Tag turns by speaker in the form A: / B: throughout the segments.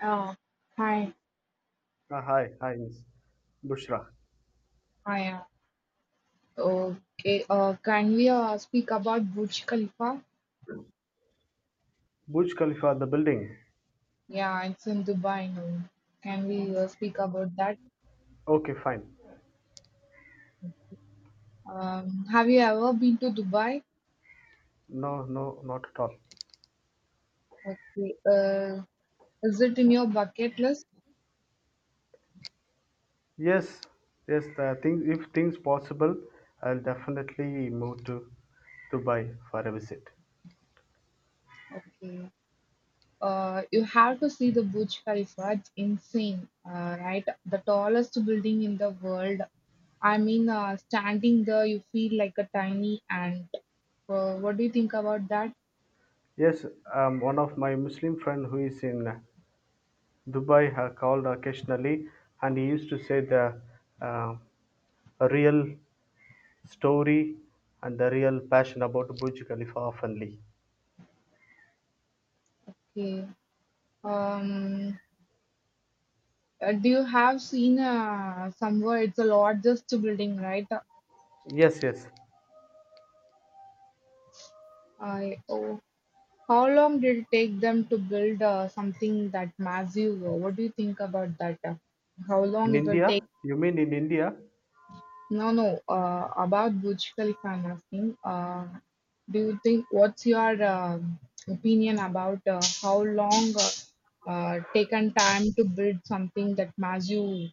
A: Oh, hi,
B: Hi, Miss Bushra.
A: hi. Okay, can we speak about Burj Khalifa?
B: Burj Khalifa, the building.
A: Yeah, it's in Dubai now. Can we speak about that?
B: Okay, fine.
A: Have you ever been to Dubai?
B: No, no, not at all.
A: Okay, uh, is it in your bucket list?
B: Yes, yes. The thing, if things possible, I'll definitely move to Dubai for a visit.
A: Okay. You have to see the Burj Khalifa. It's insane, right? The tallest building in the world. Standing there, you feel like a tiny ant. What do you think about that?
B: Yes, one of my Muslim friend who is in Dubai called occasionally, and he used to say the uh, real story and the real passion about Burj Khalifa oftenly.
A: Okay. Um, do you have seen somewhere it's a largest building, right?
B: Yes, yes.
A: I oh, how long did it take them to build something that massive? What do you think about that? How
B: In
A: long it will take?
B: India, you mean in India?
A: No, no. About Burj Khalifa, I'm asking. Do you think what's your opinion about how long taken time to build something that massive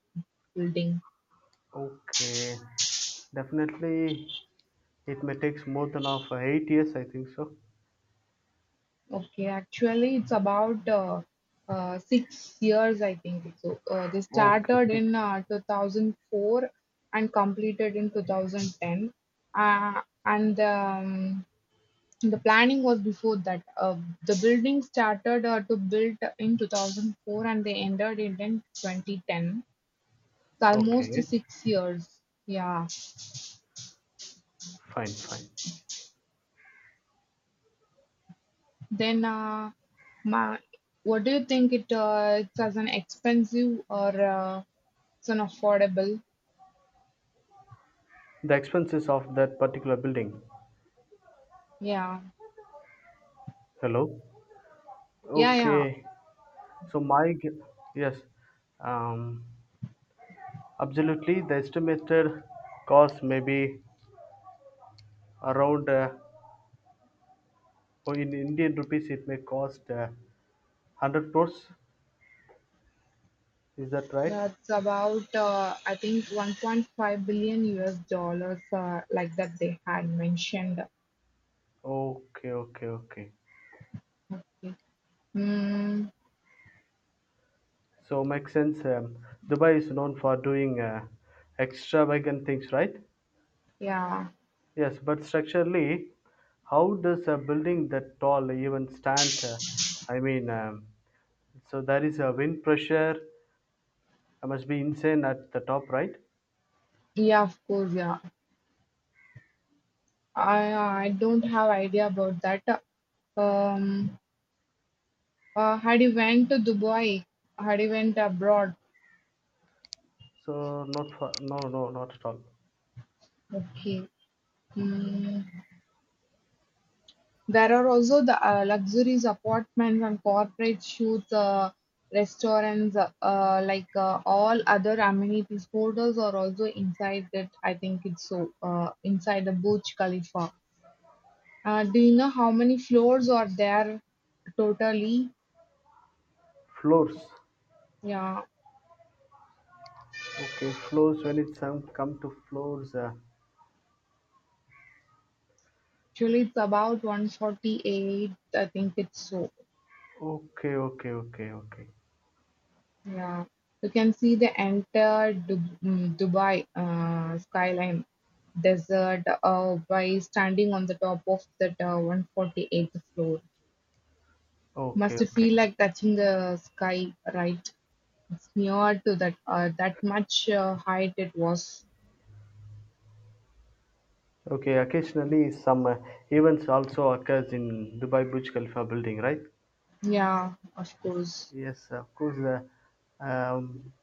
A: building?
B: Okay, definitely it may takes more than of 8 years, I think so.
A: Okay, actually, it's about 6 years, I think. So they
B: Okay,
A: started
B: six.
A: in 2004 and completed in 2010. And The planning was before that. The building started to build in 2004 and they ended it in 2010. It's almost
B: Okay,
A: 6 years. Yeah.
B: fine, fine.
A: Then uh, my, what do you think it's as an expensive or it's an affordable?
B: The expenses of that particular building.
A: Yeah,
B: Hello.
A: yeah, yeah.
B: Okay, so my gu- yes, um, absolutely. The estimated cost may be around oh, in Indian rupees. It may cost 100 crores. Is that right?
A: That's about, I think, 1.5 billion US dollars, like that they had mentioned.
B: Okay, okay, okay.
A: Okay. Mm,
B: So makes sense. Dubai is known for doing extravagant things, right?
A: yeah,
B: Yes, but structurally, how does a building that tall even stand? I mean, so there is a wind pressure. I must be insane at the top, right?
A: yeah, of course, yeah. I I don't have idea about that. Um, Had you went to Dubai? Had you went abroad?
B: So not for no no not at all.
A: Okay. Hmm. There are also the luxurious apartments and corporate shoots, restaurants, like all other amenities. Hotels are also inside that. I think it's so inside the Burj Khalifa. Do you know how many floors are there totally?
B: Floors.
A: Yeah,
B: Okay, floors. When it's come to floors.
A: actually it's about 148. I think it's so.
B: Okay, okay, okay, okay,
A: Yeah, you can see the entire Dubai skyline desert by standing on the top of that 148th floor.
B: okay,
A: Must
B: okay.
A: feel like touching the sky, right? It's near to that that much height it was.
B: Okay, occasionally some events also occurs in Dubai Burj Khalifa building, right?
A: Yeah, of course.
B: Yes, of course. Um,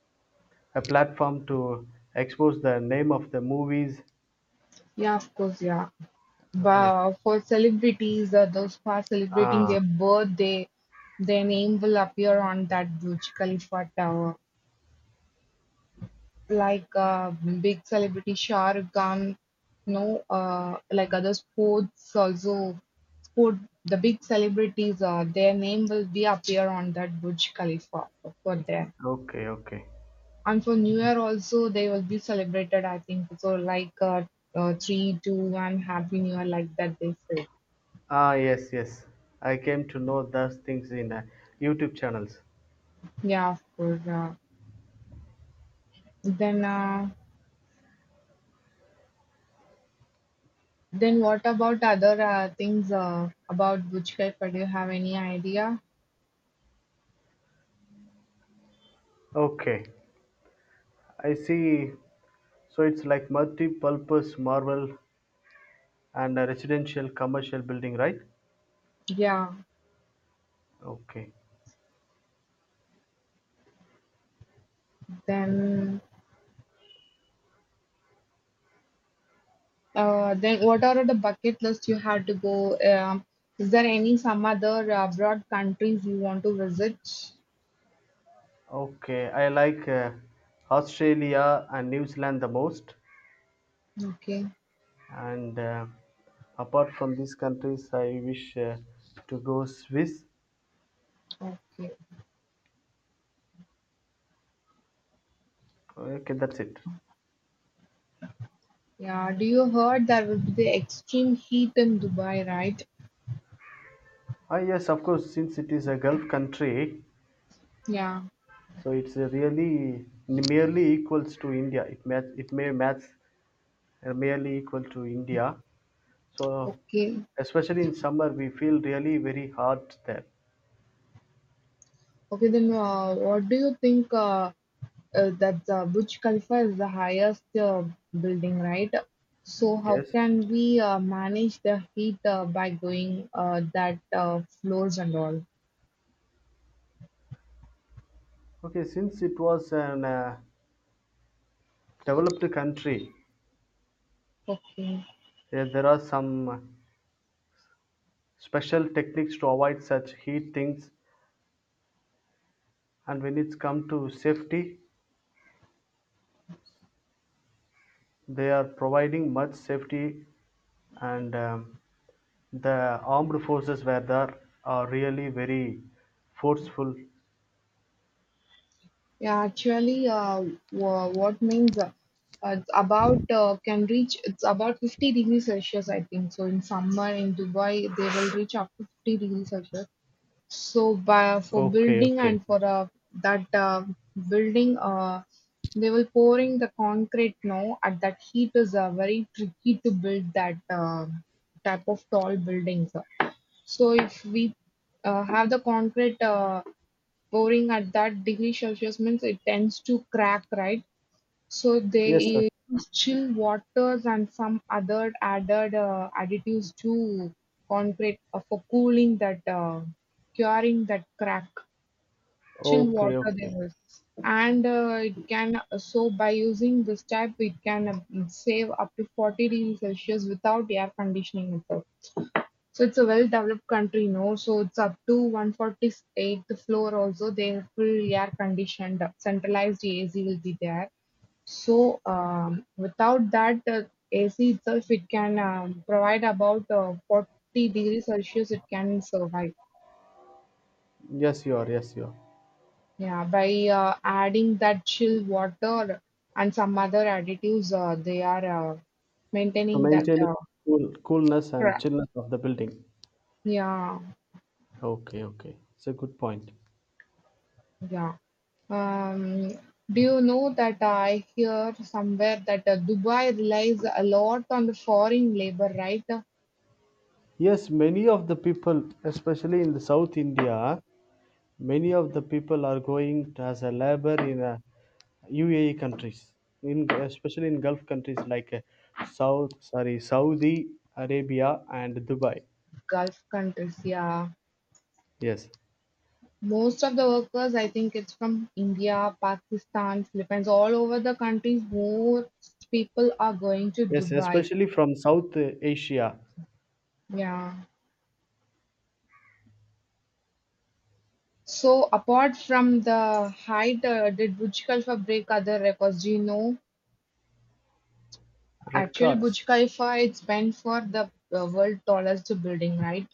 B: a platform to expose the name of the movies.
A: Yeah, of course. Yeah,
B: Yes.
A: but for celebrities, those who are celebrating
B: Ah,
A: their birthday, their name will appear on that Burj Khalifa tower. Like big celebrity Shah Rukh Khan, no, like other sports also sport the big celebrities their name will be appear on that Burj Khalifa for them.
B: okay, okay.
A: And for New Year also they will be celebrated. I think so, like three, two, one, Happy New Year like that they say.
B: Ah, yes, yes. I came to know those things in YouTube channels.
A: Yeah, of course. Then uh, then what about other things about Burj Khalifa? Do you have any idea?
B: Okay, I see. So it's like multi-purpose, Marvel, and a residential commercial building, right?
A: Yeah,
B: Okay.
A: then then what are the bucket list you have to go? Is there any some other abroad countries you want to visit?
B: Okay, I like Australia and New Zealand the most.
A: Okay,
B: And apart from these countries, I wish to go Swiss.
A: okay.
B: Okay, that's it.
A: Yeah, do you heard there will be the extreme heat in Dubai, right?
B: Ah, yes, of course, since it is a Gulf country,
A: Yeah,
B: so it's really merely equals to India. It may match merely equal to India. So
A: okay.
B: especially in summer, we feel really very hot there.
A: Okay, then What do you think that the Burj Khalifa is the highest building, right? So how
B: Yes.
A: can we manage the heat by going that floors and all?
B: Okay, since it was an developed country.
A: Okay.
B: There are some special techniques to avoid such heat things, and when it's come to safety, they are providing much safety, and the armed forces were there are really very forceful.
A: Yeah, actually, what means it's about can reach it's about 50 degrees Celsius, I think. So in summer in Dubai, they will reach up to 50 degrees Celsius. So by for
B: Okay,
A: building
B: okay.
A: and for That building, they will pouring the concrete now. At that heat is very tricky to build that type of tall buildings. So if we have the concrete. Pouring at that degree Celsius means it tends to crack, right? So
B: Yes, sir.
A: they use chill waters and some other added additives to concrete for cooling that, curing that crack. Chill
B: Okay,
A: water they
B: okay.
A: will, and it can so by using this type it can save up to 40 degrees Celsius without air conditioning itself. So it's a well-developed country, no? So it's up to one-forty-eighth floor also. They have full air-conditioned, centralized AC will be there. So without that AC itself, it can provide about 40 degrees Celsius. It can survive.
B: Yes, you are. Yes, you are.
A: Yeah, by adding that chill water and some other additives, they are
B: So
A: maintaining that.
B: maintaining cool, coolness and
A: Cra-
B: chillness of the building.
A: yeah.
B: Okay, okay. It's a good point.
A: Yeah. Um, do you know that I hear somewhere that Dubai relies a lot on the foreign labor, right? The
B: Yes, many of the people, especially in the South India, many of the people are going as a labor in UAE countries, in especially in Gulf countries like South, sorry, Saudi Arabia and Dubai.
A: Gulf countries, yeah.
B: Yes,
A: Most of the workers, I think it's from India, Pakistan, Philippines, all over the countries. Most people are going to
B: yes,
A: Dubai.
B: especially from South Asia.
A: Yeah. So apart from the height, did Burj Khalifa break other records? Do you know? Actually,
B: Records.
A: Burj Khalifa it's meant for the world tallest building, right?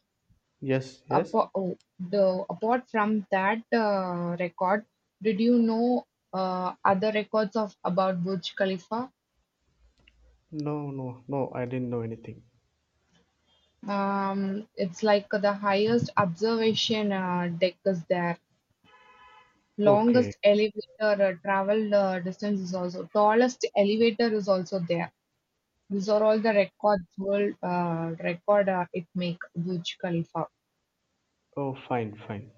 B: Yes, yes.
A: The apart from that record, did you know other records of about Burj Khalifa?
B: No, no, no. I didn't know anything.
A: It's like the highest observation deck is there. Longest
B: Okay.
A: elevator travel distance is also tallest elevator is also there. These are all the records world record it make Burj Khalifa.
B: Oh, fine, fine.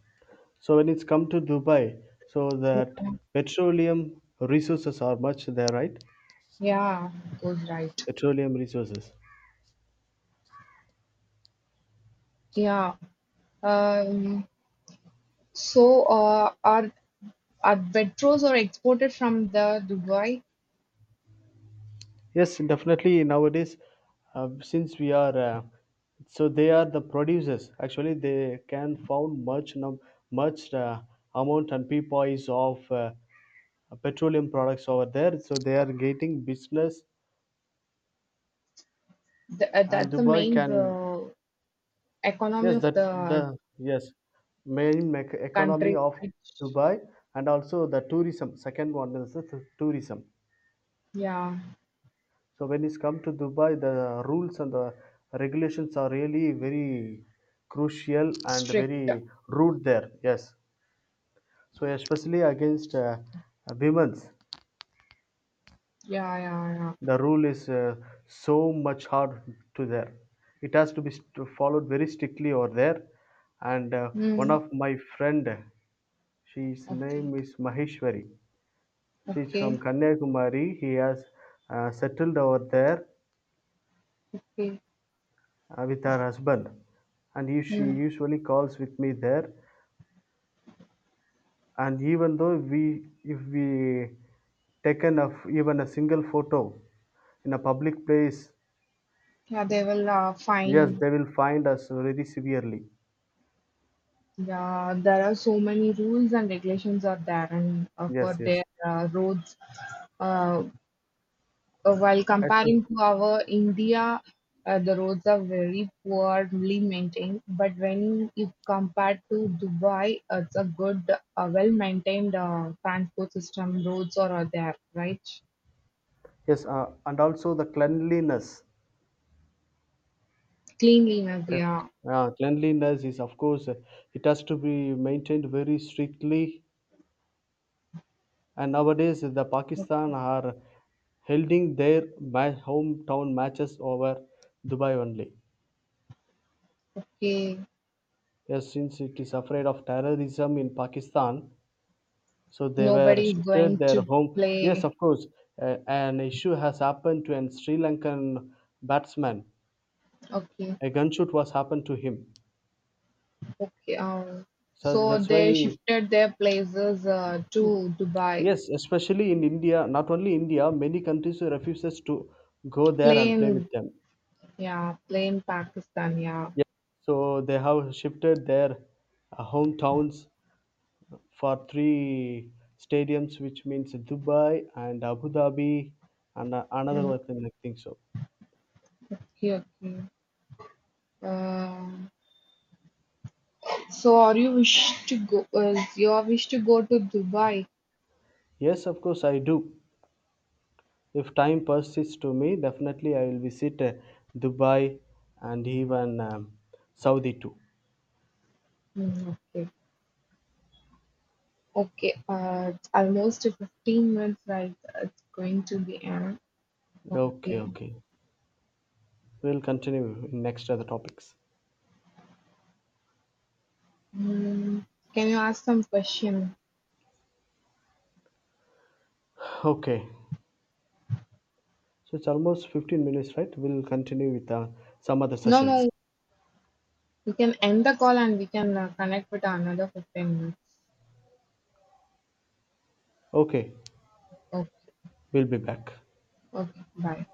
B: So when it's come to Dubai, so that petroleum resources are much there, right?
A: Yeah, goes right.
B: Petroleum resources.
A: Yeah. Um, so, are Betros are exported from the Dubai.
B: Yes, definitely. Nowadays, uh, since we are, uh, so they are the producers. Actually, they can found much amount and peapoise of petroleum products over there. So they are getting business,
A: The,
B: and
A: that's the
B: Dubai
A: main
B: can
A: economy
B: yes
A: of
B: that the
A: the
B: yes main economy
A: country,
B: of
A: right?
B: Dubai and also the tourism. Second one is the tourism.
A: Yeah,
B: So when it's come to Dubai, the rules and the regulations are really very crucial and
A: strict. Yeah,
B: very rude there. Yes. So especially against women's,
A: yeah, yeah.
B: the rule is so much hard to there. It has to be followed very strictly over there. And one
A: Hmm.
B: of my friend, she's
A: Okay,
B: name is Maheshwari. She's
A: okay,
B: from Kanyakumari. He has settled over there
A: okay.
B: with her husband, and if she
A: Hmm.
B: usually calls with me there, and even though we if we taken of even a single photo in a public place,
A: Yeah, they will
B: yes
A: fine.
B: they will find us very severely,
A: Yeah, there are so many rules and regulations are there and
B: yes,
A: for their
B: yes.
A: roads. Uh, while
B: As per-
A: comparing to our India, the roads are very poorly maintained. But when if compared to Dubai, it's a good, well-maintained transport system. Roads are there, right?
B: yes, and also the cleanliness,
A: Cleanliness,
B: yes.
A: yeah.
B: Cleanliness is of course it has to be maintained very strictly, and nowadays the Pakistan are holding their hometown matches over Dubai only.
A: Okay,
B: Yes, since it is afraid of terrorism in Pakistan, so they were
A: nobody is
B: shifted
A: going
B: their
A: to
B: home. Yes,
A: play.
B: of course, an issue has happened to an Sri Lankan batsman.
A: Okay,
B: A gunshot was happened to him.
A: okay.
B: So
A: So
B: that's
A: they
B: why,
A: shifted their places to Dubai.
B: yes, especially in India, not only India, many countries refuses to go there and play with
A: Plain,
B: them.
A: yeah, plain Pakistan, yeah.
B: Yes, so they have shifted their hometowns for 3 stadiums, which means Dubai and Abu Dhabi, and another
A: Mm,
B: one, thing, I think so.
A: okay, okay. Um, so, are you wish to go? Is your wish to go to Dubai?
B: Yes, of course, I do. If time persists to me, definitely I will visit Dubai and even Saudi too.
A: Hmm, okay, okay. It's almost a 15 minutes right. It's going to be an
B: Okay,
A: okay.
B: okay. We'll continue in next other topics.
A: Hmm, can you ask some question?
B: Okay. So it's almost 15 minutes, right? We'll continue with some other
A: No,
B: sessions.
A: no. We can end the call and we can connect with another 15 minutes.
B: Okay,
A: Okay,
B: we'll be back.
A: okay. Bye.